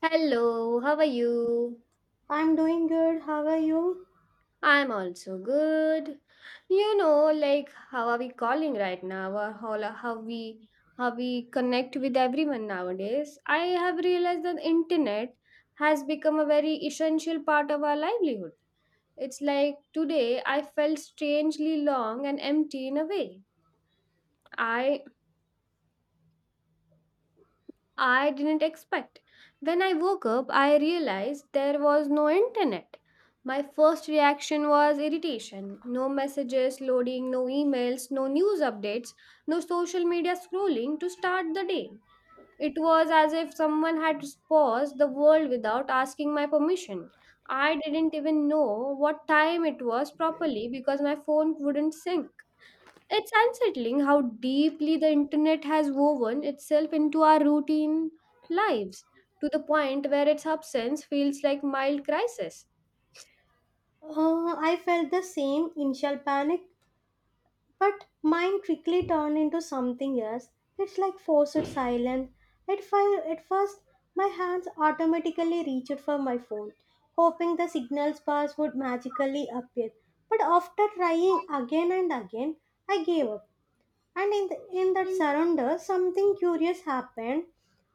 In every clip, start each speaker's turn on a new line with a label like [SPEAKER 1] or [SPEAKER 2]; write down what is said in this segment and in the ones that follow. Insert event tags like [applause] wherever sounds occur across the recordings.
[SPEAKER 1] Hello, how are you?
[SPEAKER 2] I'm doing good. How are you?
[SPEAKER 1] I'm also good. You know, like how are we calling right now, or how we how we connect with everyone nowadays? I have realized that internet has become a very essential part of our livelihood. It's like today I felt strangely long and empty in a way. I I didn't expect. When I woke up, I realized there was no internet. My first reaction was irritation. No messages loading, no emails, no news updates, no social media scrolling to start the day. It was as if someone had paused the world without asking my permission. I didn't even know what time it was properly because my phone wouldn't sync. It's unsettling how deeply the internet has woven itself into our routine lives to the point where its absence feels like mild crisis.
[SPEAKER 2] I felt the same initial panic, but mine quickly turned into something else. It's like forced silence. At first, my hands automatically reached for my phone, hoping the signal bars would magically appear. But after trying again and again, I gave up. And in that surrender, something curious happened.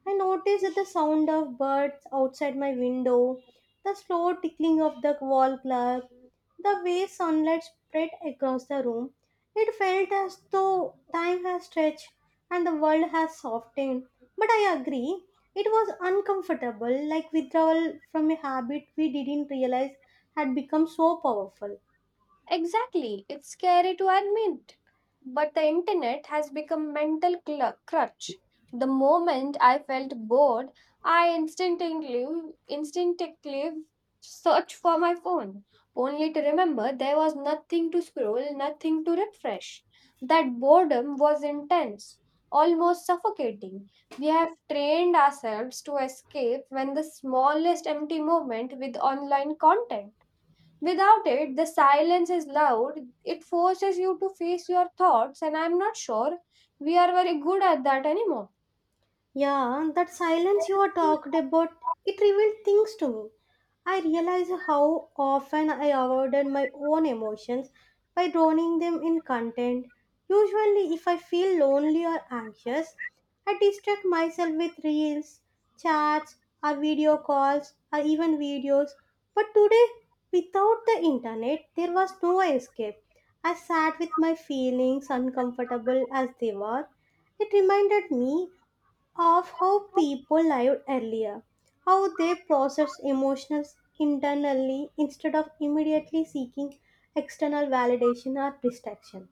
[SPEAKER 2] I noticed the sound of birds outside my window, the slow tickling of the wall clock, the way sunlight spread across the room. It felt as though time has stretched and the world has softened. But I agree, it was uncomfortable, like withdrawal from a habit we didn't realize had become so powerful.
[SPEAKER 1] Exactly, it's scary to admit. But the internet has become mental crutch. The moment I felt bored, I instinctively searched for my phone, only to remember there was nothing to scroll, nothing to refresh. That boredom was intense, almost suffocating. We have trained ourselves to escape when the smallest empty moment with online content. Without it, the silence is loud. It forces you to face your thoughts, and I'm not sure we are very good at that anymore.
[SPEAKER 2] Yeah, and that silence you are talked about, it revealed things to me. I realized how often I avoided my own emotions by drowning them in content. Usually, if I feel lonely or anxious, I distract myself with reels, chats, or video calls, or even videos. But today, without the internet, there was no escape. I sat with my feelings, uncomfortable as they were. It reminded me of how people lived earlier, how they processed emotions internally instead of immediately seeking external validation or distraction.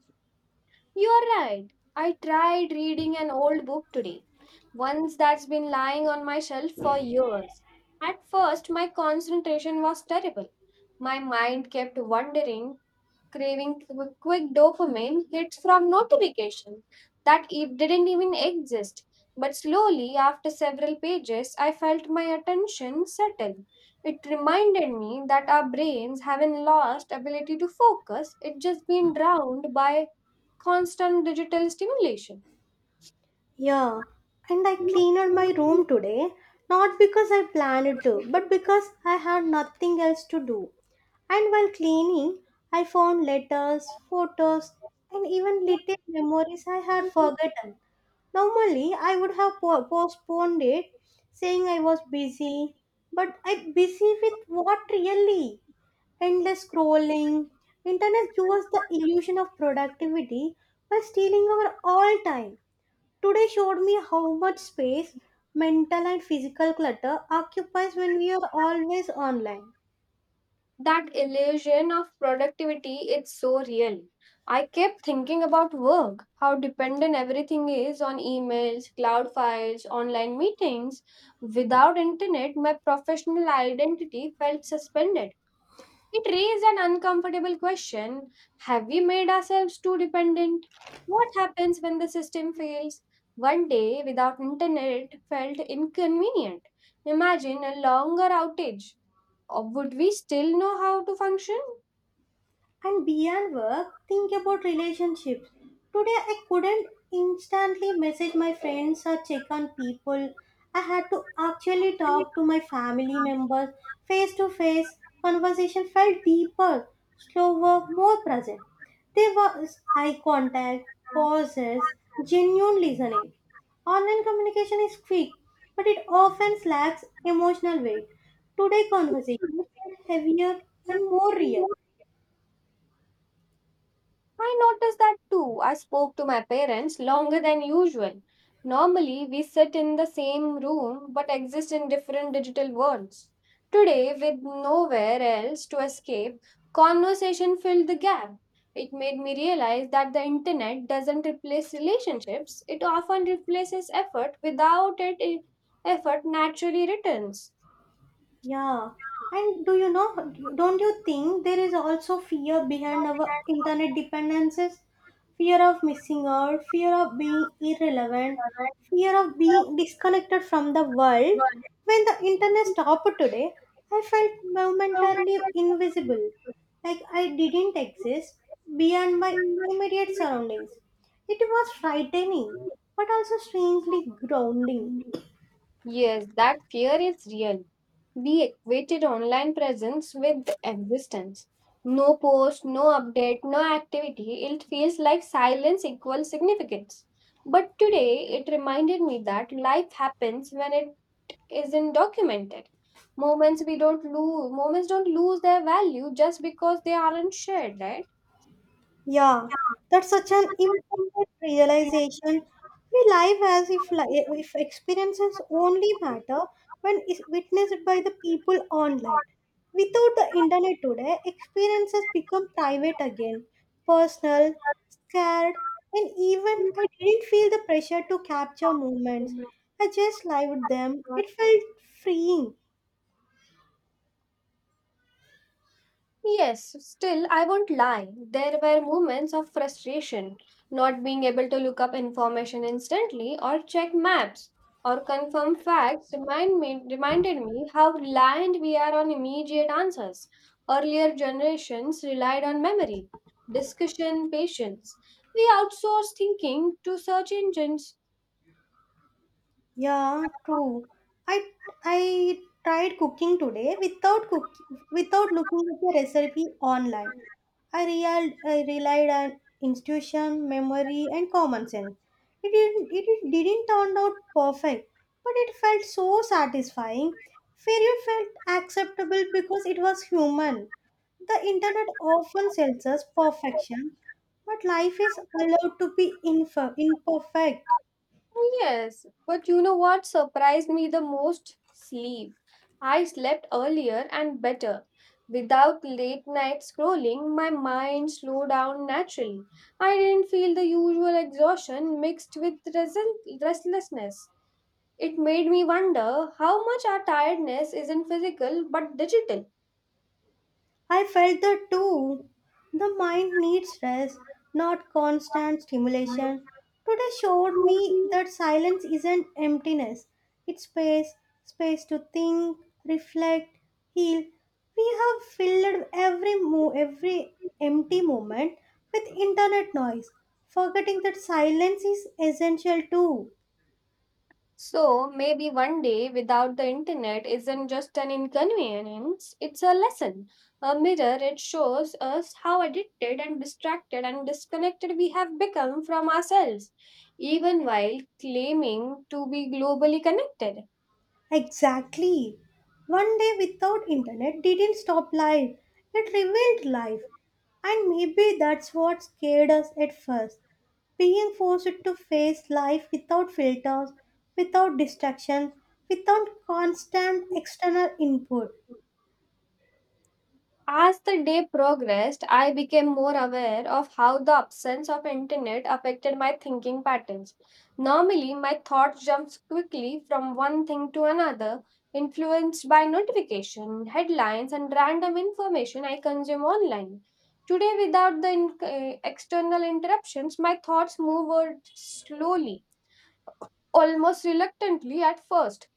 [SPEAKER 1] You are right. I tried reading an old book today, one that's been lying on my shelf for years. At first, my concentration was terrible. My mind kept wandering, craving quick dopamine hits from notifications that it didn't even exist. But slowly, after several pages, I felt my attention settle. It reminded me that our brains haven't lost ability to focus; it just been drowned by constant digital stimulation.
[SPEAKER 2] Yeah, and I cleaned my room today, not because I planned to, but because I had nothing else to do. And while cleaning, I found letters, photos, and even little memories I had forgotten. Normally, I would have postponed it, saying I was busy, but I busy with what really? Endless scrolling. Internet gives us the illusion of productivity by stealing our all time. Today showed me how much space mental and physical clutter occupies when we are always online.
[SPEAKER 1] That illusion of productivity, it's so real. I kept thinking about work, how dependent everything is on emails, cloud files, online meetings. Without internet, my professional identity felt suspended. It raised an uncomfortable question. Have we made ourselves too dependent? What happens when the system fails? One day without internet felt inconvenient. Imagine a longer outage. Or would we still know how to function?
[SPEAKER 2] And beyond work, think about relationships. Today I couldn't instantly message my friends or check on people. I had to actually talk to my family members face to face. Conversation felt deeper, slower, more present. There was eye contact, pauses, genuine listening. Online communication is quick, but it often lacks emotional weight. Today conversation felt heavier and more real.
[SPEAKER 1] I noticed that too. I spoke to my parents longer than usual. Normally, we sit in the same room but exist in different digital worlds. Today, with nowhere else to escape, conversation filled the gap. It made me realize that the internet doesn't replace relationships, it often replaces effort. Without it, effort naturally returns.
[SPEAKER 2] Yeah, and do you know, don't you think there is also fear behind our internet dependencies? Fear of missing out, fear of being irrelevant, fear of being disconnected from the world. When the internet stopped today, I felt momentarily invisible, like I didn't exist beyond my immediate surroundings. It was frightening, but also strangely grounding.
[SPEAKER 1] Yes, that fear is real. We equated online presence with existence. No post, no update, no activity. It feels like silence equals significance. But today, it reminded me that life happens when it isn't documented. Moments we don't lose, moments don't lose their value just because they aren't shared, right?
[SPEAKER 2] Yeah, that's such an important realization. We live as if experiences only matter when is witnessed by the people online. Without the internet today, experiences become private again, personal, scared, and even I didn't feel the pressure to capture moments. I just lived them. It felt freeing.
[SPEAKER 1] Yes, still, I won't lie. There were moments of frustration, not being able to look up information instantly or check maps or confirm facts reminded me how reliant we are on immediate answers. Earlier generations relied on memory, discussion, patience. We outsource thinking to search engines.
[SPEAKER 2] Yeah, true. I I tried cooking today without looking at the recipe online. I relied on intuition, memory, and common sense. It didn't turn out perfect, but it felt so satisfying. Failure felt acceptable because it was human. The internet often sells us perfection, but life is allowed to be imperfect.
[SPEAKER 1] Oh, yes, but you know what surprised me the most? Sleep. I slept earlier and better. Without late night scrolling, my mind slowed down naturally. I didn't feel the usual exhaustion mixed with restlessness. It made me wonder how much our tiredness isn't physical but digital.
[SPEAKER 2] I felt that too. The mind needs rest, not constant stimulation. Today showed me that silence isn't emptiness, it's space, space to think, reflect, heal. We have filled every empty moment with internet noise, forgetting that silence is essential too.
[SPEAKER 1] So maybe one day without the internet isn't just an inconvenience, it's a lesson. A mirror, it shows us how addicted and distracted and disconnected we have become from ourselves, even while claiming to be globally connected.
[SPEAKER 2] Exactly. One day without internet didn't stop life. It revealed life. And maybe that's what scared us at first. Being forced to face life without filters, without distraction, without constant external input.
[SPEAKER 1] As the day progressed, I became more aware of how the absence of internet affected my thinking patterns. Normally, my thoughts jumped quickly from one thing to another, influenced by notification, headlines, and random information I consume online. Today, without the external interruptions, my thoughts moved slowly, almost reluctantly at first.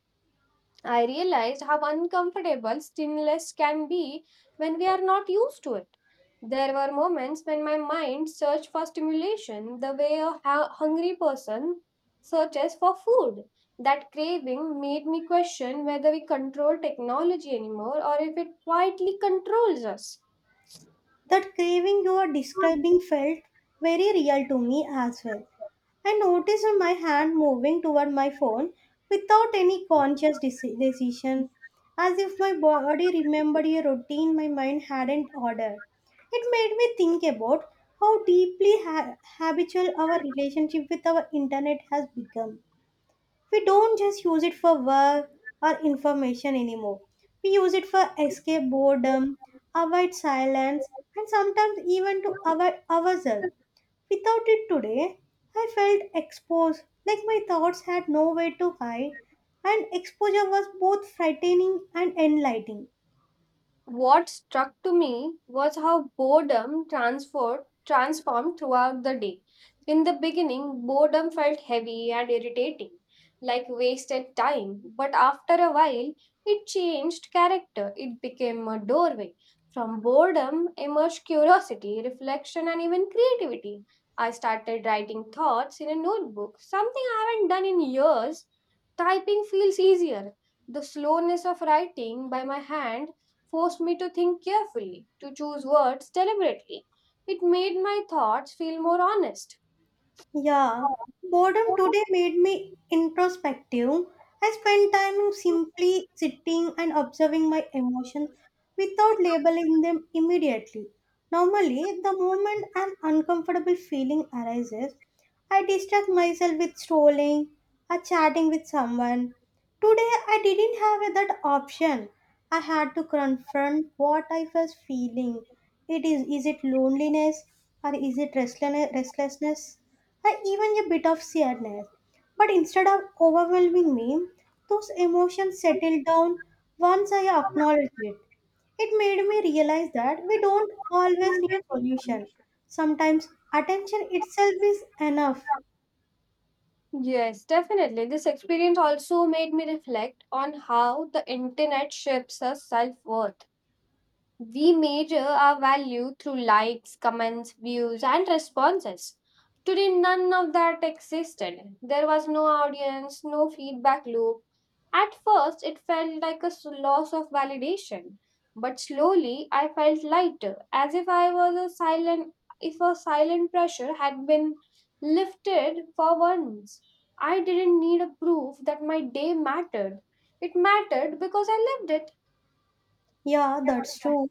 [SPEAKER 1] I realized how uncomfortable stillness can be when we are not used to it. There were moments when my mind searched for stimulation the way a hungry person searches for food. That craving made me question whether we control technology anymore or if it quietly controls us.
[SPEAKER 2] That craving you are describing felt very real to me as well. I noticed my hand moving toward my phone without any conscious decision, as if my body remembered a routine my mind hadn't ordered. It made me think about how deeply habitual our relationship with our internet has become we don't just use it for work or information anymore. We use it for escape boredom, avoid silence, and sometimes even to avoid ourselves. Without it today, I felt exposed, like my thoughts had nowhere to hide, and exposure was both frightening and enlightening.
[SPEAKER 1] What struck to me was how boredom transformed throughout the day. In the beginning, boredom felt heavy and irritating, like wasted time, but after a while, it changed character. It became a doorway. From boredom emerged curiosity, reflection, and even creativity. I started writing thoughts in a notebook, something I haven't done in years. Typing feels easier. The slowness of writing by my hand forced me to think carefully, to choose words deliberately. It made my thoughts feel more honest.
[SPEAKER 2] Yeah, boredom today made me introspective. I spent time simply sitting and observing my emotions without labeling them immediately. Normally, the moment an uncomfortable feeling arises, I distract myself with strolling or chatting with someone. Today, I didn't have that option. I had to confront what I was feeling. It is it loneliness or is it restlessness? Restlessness? And even a bit of sadness. But instead of overwhelming me, those emotions settled down once I acknowledged it. It made me realize that we don't always need solution. Sometimes attention itself is enough.
[SPEAKER 1] Yes, definitely. This experience also made me reflect on how the internet shapes our self worth. We measure our value through likes, comments, views, and responses. Today, none of that existed. There was no audience, no feedback loop. At first, it felt like a loss of validation, but slowly I felt lighter, as if I was a silent, if a silent pressure had been lifted for once. I didn't need a proof that my day mattered. It mattered because I lived it.
[SPEAKER 2] Yeah, that's true.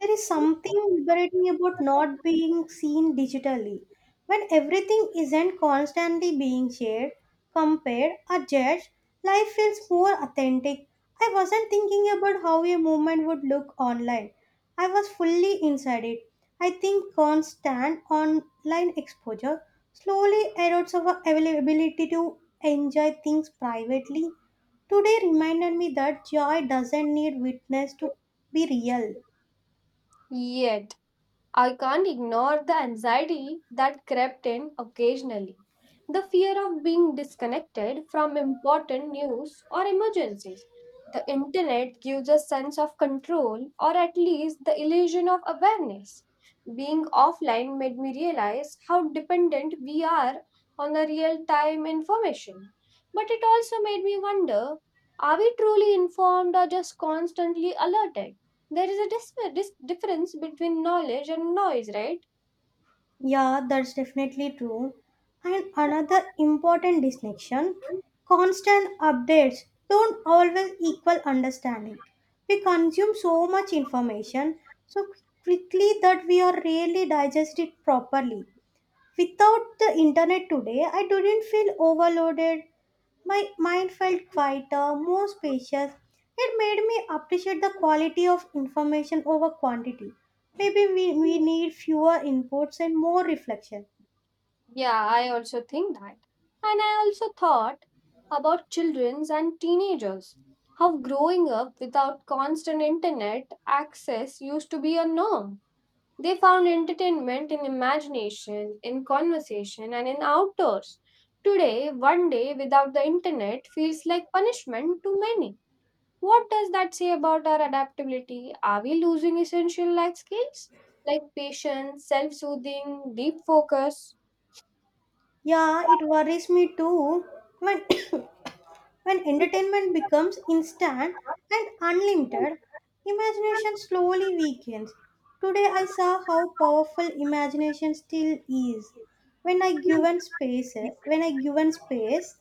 [SPEAKER 2] There is something liberating about not being seen digitally. When everything isn't constantly being shared, compared, or judged, life feels more authentic. I wasn't thinking about how a movement would look online, I was fully inside it. I think constant online exposure slowly erodes our availability to enjoy things privately. Today reminded me that joy doesn't need witness to be real.
[SPEAKER 1] Yet, I can't ignore the anxiety that crept in occasionally. The fear of being disconnected from important news or emergencies. The internet gives a sense of control or at least the illusion of awareness. Being offline made me realize how dependent we are on the real time information. But it also made me wonder, are we truly informed or just constantly alerted? There is a difference between knowledge and noise, right?
[SPEAKER 2] Yeah, that's definitely true. And another important distinction constant updates don't always equal understanding. We consume so much information so quickly that we are rarely digest it properly. Without the internet today, I didn't feel overloaded. My mind felt quieter, more spacious. It made me appreciate the quality of information over quantity. Maybe we need fewer inputs and more reflection.
[SPEAKER 1] Yeah, I also think that. And I also thought about children and teenagers. How growing up without constant internet access used to be a norm. They found entertainment in imagination, in conversation, and in outdoors. Today, one day without the internet feels like punishment to many. What does that say about our adaptability? Are we losing essential life skills like patience, self soothing, deep focus?
[SPEAKER 2] Yeah, it worries me too when [coughs] when entertainment becomes instant and unlimited, imagination slowly weakens. Today I saw how powerful imagination still is. When I given space, when I given space,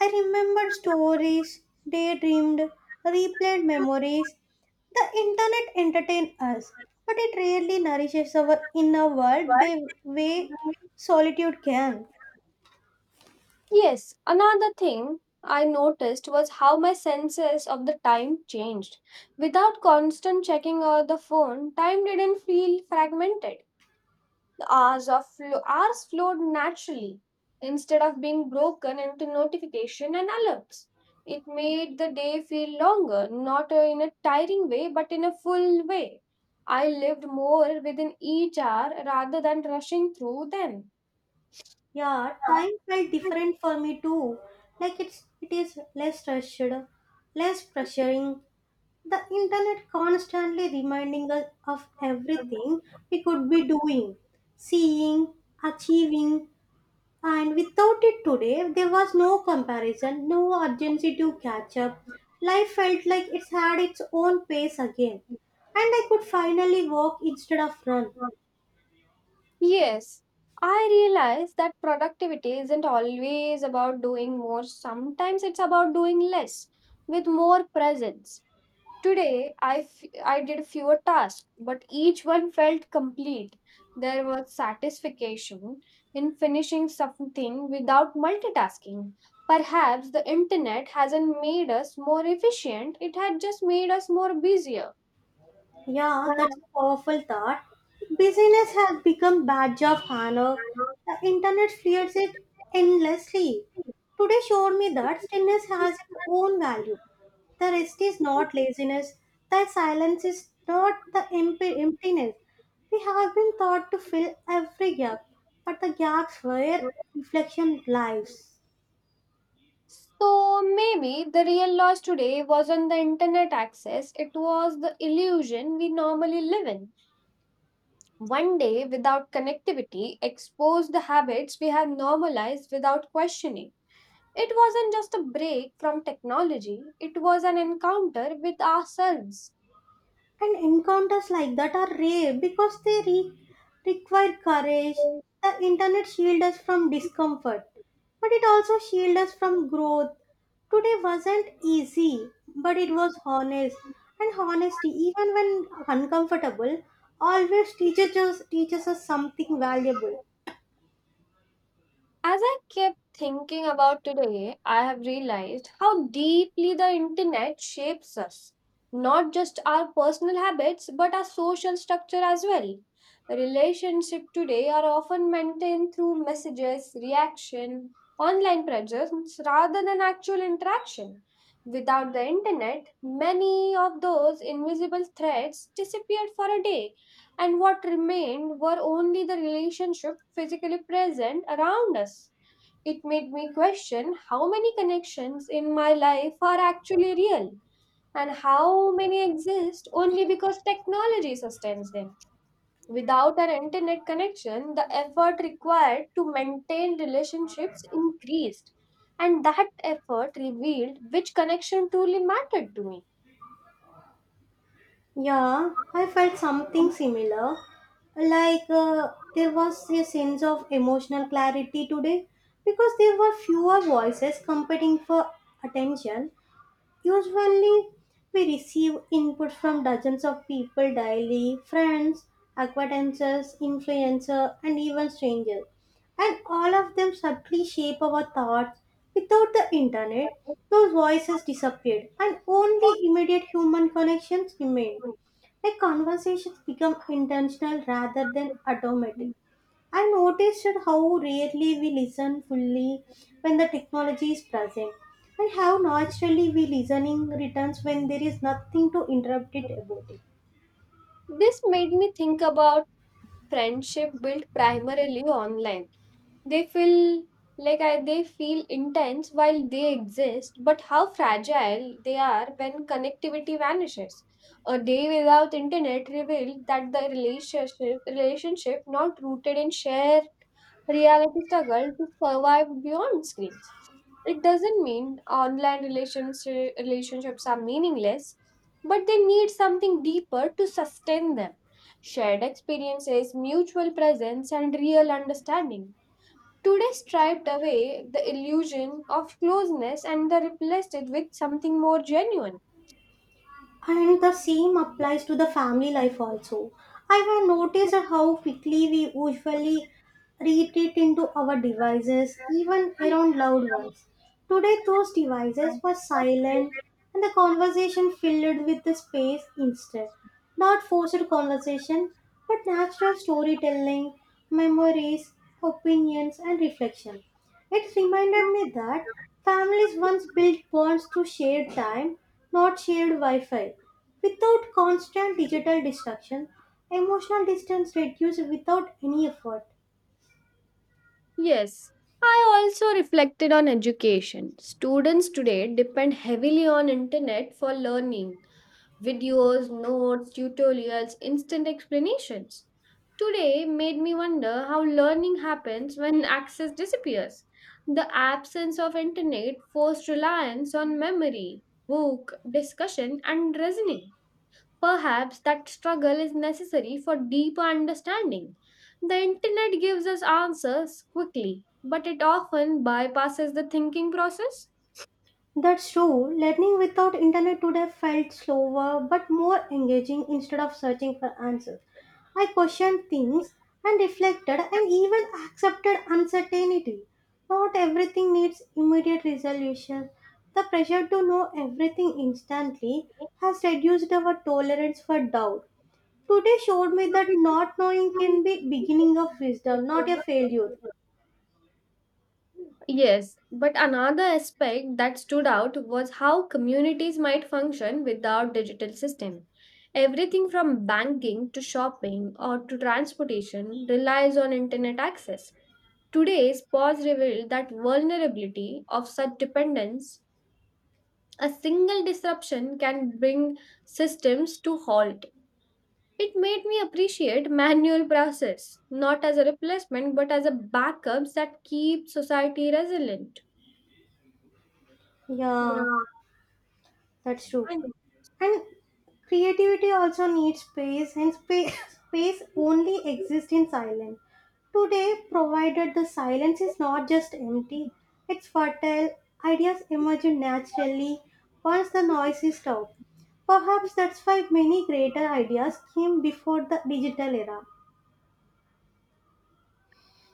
[SPEAKER 2] I remembered stories, daydreamed, replayed memories. The internet entertains us, but it rarely nourishes our inner world the way solitude can.
[SPEAKER 1] Yes, another thing I noticed was how my senses of the time changed. Without constant checking of the phone, time didn't feel fragmented. Hours flowed naturally instead of being broken into notification and alerts. It made the day feel longer, not in a tiring way, but in a full way. I lived more within each hour rather than rushing through them.
[SPEAKER 2] Yeah, time felt different for me too. Like it is less rushed, less pressuring. The internet constantly reminding us of everything we could be doing, seeing, achieving, and without it today there was no comparison, no urgency to catch up. Life felt like it's had its own pace again, and I could finally walk instead of run.
[SPEAKER 1] Yes, I realize that productivity isn't always about doing more. Sometimes it's about doing less with more presence. Today, I did fewer tasks, but each one felt complete. There was satisfaction in finishing something without multitasking. Perhaps the internet hasn't made us more efficient, it had just made us more busier.
[SPEAKER 2] Yeah, that's a powerful thought. Busyness has become badge of honor. The internet feeds it endlessly. Today showed me that stillness has its own value. The rest is not laziness. The silence is not the emptiness. We have been taught to fill every gap, but the gaps where reflection lies.
[SPEAKER 1] So maybe the real loss today wasn't the internet access, it was the illusion we normally live in. One day without connectivity exposed the habits we have normalized without questioning. It wasn't just a break from technology, it was an encounter with ourselves.
[SPEAKER 2] And encounters like that are rare because require courage. The internet shields us from discomfort, but it also shields us from growth. Today wasn't easy, but it was honest. And honesty, even when uncomfortable, always teaches us something valuable.
[SPEAKER 1] As I kept thinking about today, I have realized how deeply the internet shapes us. Not just our personal habits, but our social structure as well. Relationships today are often maintained through messages, reaction, online presence rather than actual interaction. Without the internet, many of those invisible threads disappeared for a day, and what remained were only the relationship physically present around us. It made me question how many connections in my life are actually real and how many exist only because technology sustains them. Without an internet connection, the effort required to maintain relationships increased, and that effort revealed which connection truly mattered to me.
[SPEAKER 2] Yeah, I felt something similar. Like there was a sense of emotional clarity today because there were fewer voices competing for attention. Usually, we receive input from dozens of people daily friends, acquaintances, influencers, and even strangers. And all of them subtly shape our thoughts. Without the internet, those voices disappeared, and only immediate human connections remained. Like conversations become intentional rather than automatic. I noticed how rarely we listen fully when the technology is present, and how naturally we listening returns when there is nothing to interrupt it about it.
[SPEAKER 1] This made me think about friendship built primarily online. They feel they feel intense while they exist, but how fragile they are when connectivity vanishes. A day without internet revealed that the relationship not rooted in shared reality struggle to survive beyond screens. It doesn't mean relationships are meaningless, but they need something deeper to sustain them. Shared experiences, mutual presence, and real understanding. Today striped away the illusion of closeness and they replaced it with something more genuine.
[SPEAKER 2] And the same applies to the family life also. I have noticed how quickly we usually retreat into our devices, even around loved ones. Today, those devices were silent and the conversation filled with the space instead. Not forced conversation, but natural storytelling, memories, opinions, and reflection. It reminded me that families once built bonds through shared time, not shared Wi Fi. Without constant digital distraction, emotional distance reduced without any effort.
[SPEAKER 1] Yes, I also reflected on education. Students today depend heavily on internet for learning, videos, notes, tutorials, instant explanations. Today made me wonder how learning happens when access disappears. The absence of internet forced reliance on memory, book, discussion, and reasoning. Perhaps that struggle is necessary for deeper understanding. The internet gives us answers quickly, but it often bypasses the thinking process.
[SPEAKER 2] That's true. Learning without internet today felt slower but more engaging instead of searching for answers. I questioned things and reflected and even accepted uncertainty. Not everything needs immediate resolution. The pressure to know everything instantly has reduced our tolerance for doubt. Today showed me that not knowing can be beginning of wisdom, not a failure.
[SPEAKER 1] Yes, but another aspect that stood out was how communities might function without digital system. Everything from banking to shopping or to transportation relies on internet access. Today's pause revealed that vulnerability of such dependence, a single disruption can bring systems to halt. It made me appreciate manual process, not as a replacement but as a backup that keeps society resilient.
[SPEAKER 2] Yeah,
[SPEAKER 1] Yeah.
[SPEAKER 2] that's true. And creativity also needs space, [laughs] space only exists in silence. Today, provided the silence is not just empty, it's fertile, ideas emerge naturally once the noise is stopped. Perhaps that's why many greater ideas came before the digital era.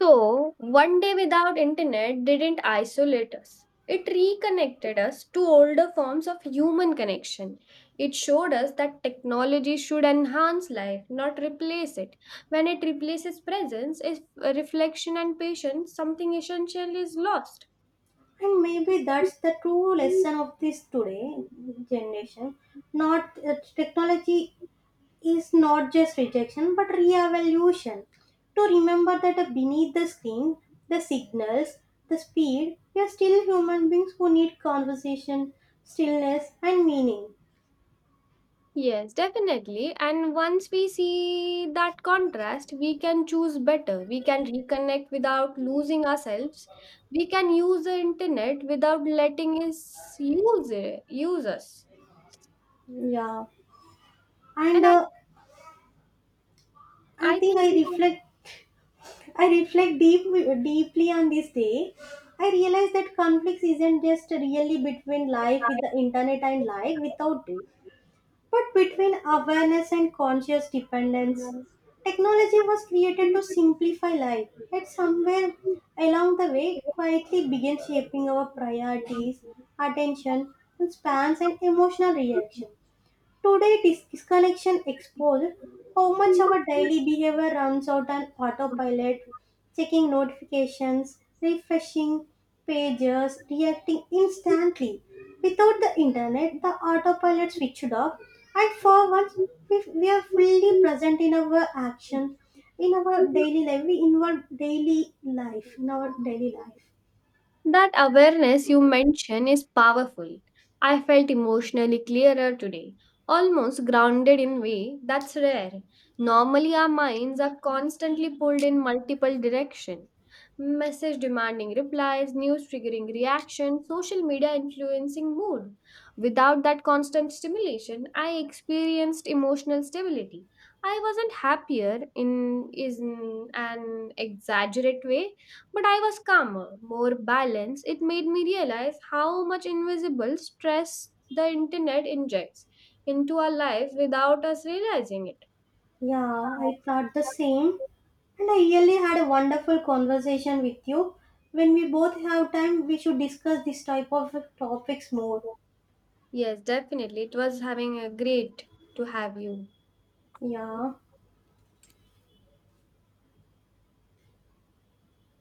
[SPEAKER 1] So, one day without internet didn't isolate us. It reconnected us to older forms of human connection. It showed us that technology should enhance life, not replace it. When it replaces presence, if reflection and patience, something essential is lost.
[SPEAKER 2] And maybe that's the true lesson of this today generation. Not that technology is not just rejection but reevaluation. To remember that beneath the screen, the signals, the speed, we are still human beings who need conversation, stillness, and meaning.
[SPEAKER 1] Yes, definitely. And once we see that contrast, we can choose better. We can reconnect without losing ourselves. We can use the internet without letting it use us.
[SPEAKER 2] Yeah, and
[SPEAKER 1] And I,
[SPEAKER 2] I
[SPEAKER 1] I
[SPEAKER 2] think
[SPEAKER 1] think
[SPEAKER 2] I
[SPEAKER 1] we have
[SPEAKER 2] reflect. I reflect deeply on this day. I realize that conflicts isn't just really between life with the internet and life without it. But between awareness and conscious dependence, technology was created to simplify life, yet somewhere along the way it quietly began shaping our priorities, attention, and spans and emotional reaction. Today, this disconnection exposed how much our daily behavior runs out on autopilot, checking notifications, refreshing pages, reacting instantly. Without the internet, the autopilot switched off, and for once, we are fully
[SPEAKER 1] to
[SPEAKER 2] present in our action, in our daily life. In our daily
[SPEAKER 1] recognize.
[SPEAKER 2] life.
[SPEAKER 1] That awareness you mention is powerful. I felt emotionally clearer today, almost grounded in way that's rare. Normally our minds are constantly pulled in multiple direction. Message demanding replies, news triggering reaction, social media influencing mood. Without that constant stimulation, I experienced emotional stability. I wasn't happier in an exaggerate way but I was calmer, more balanced. It made me realize how much invisible stress the internet injects into our life without us realizing it.
[SPEAKER 2] Yeah, I thought the same. And I really had a wonderful conversation with you. When we both have time, we should discuss this type of topics more.
[SPEAKER 1] Yes, definitely. It was having a great to have you.
[SPEAKER 2] Yeah.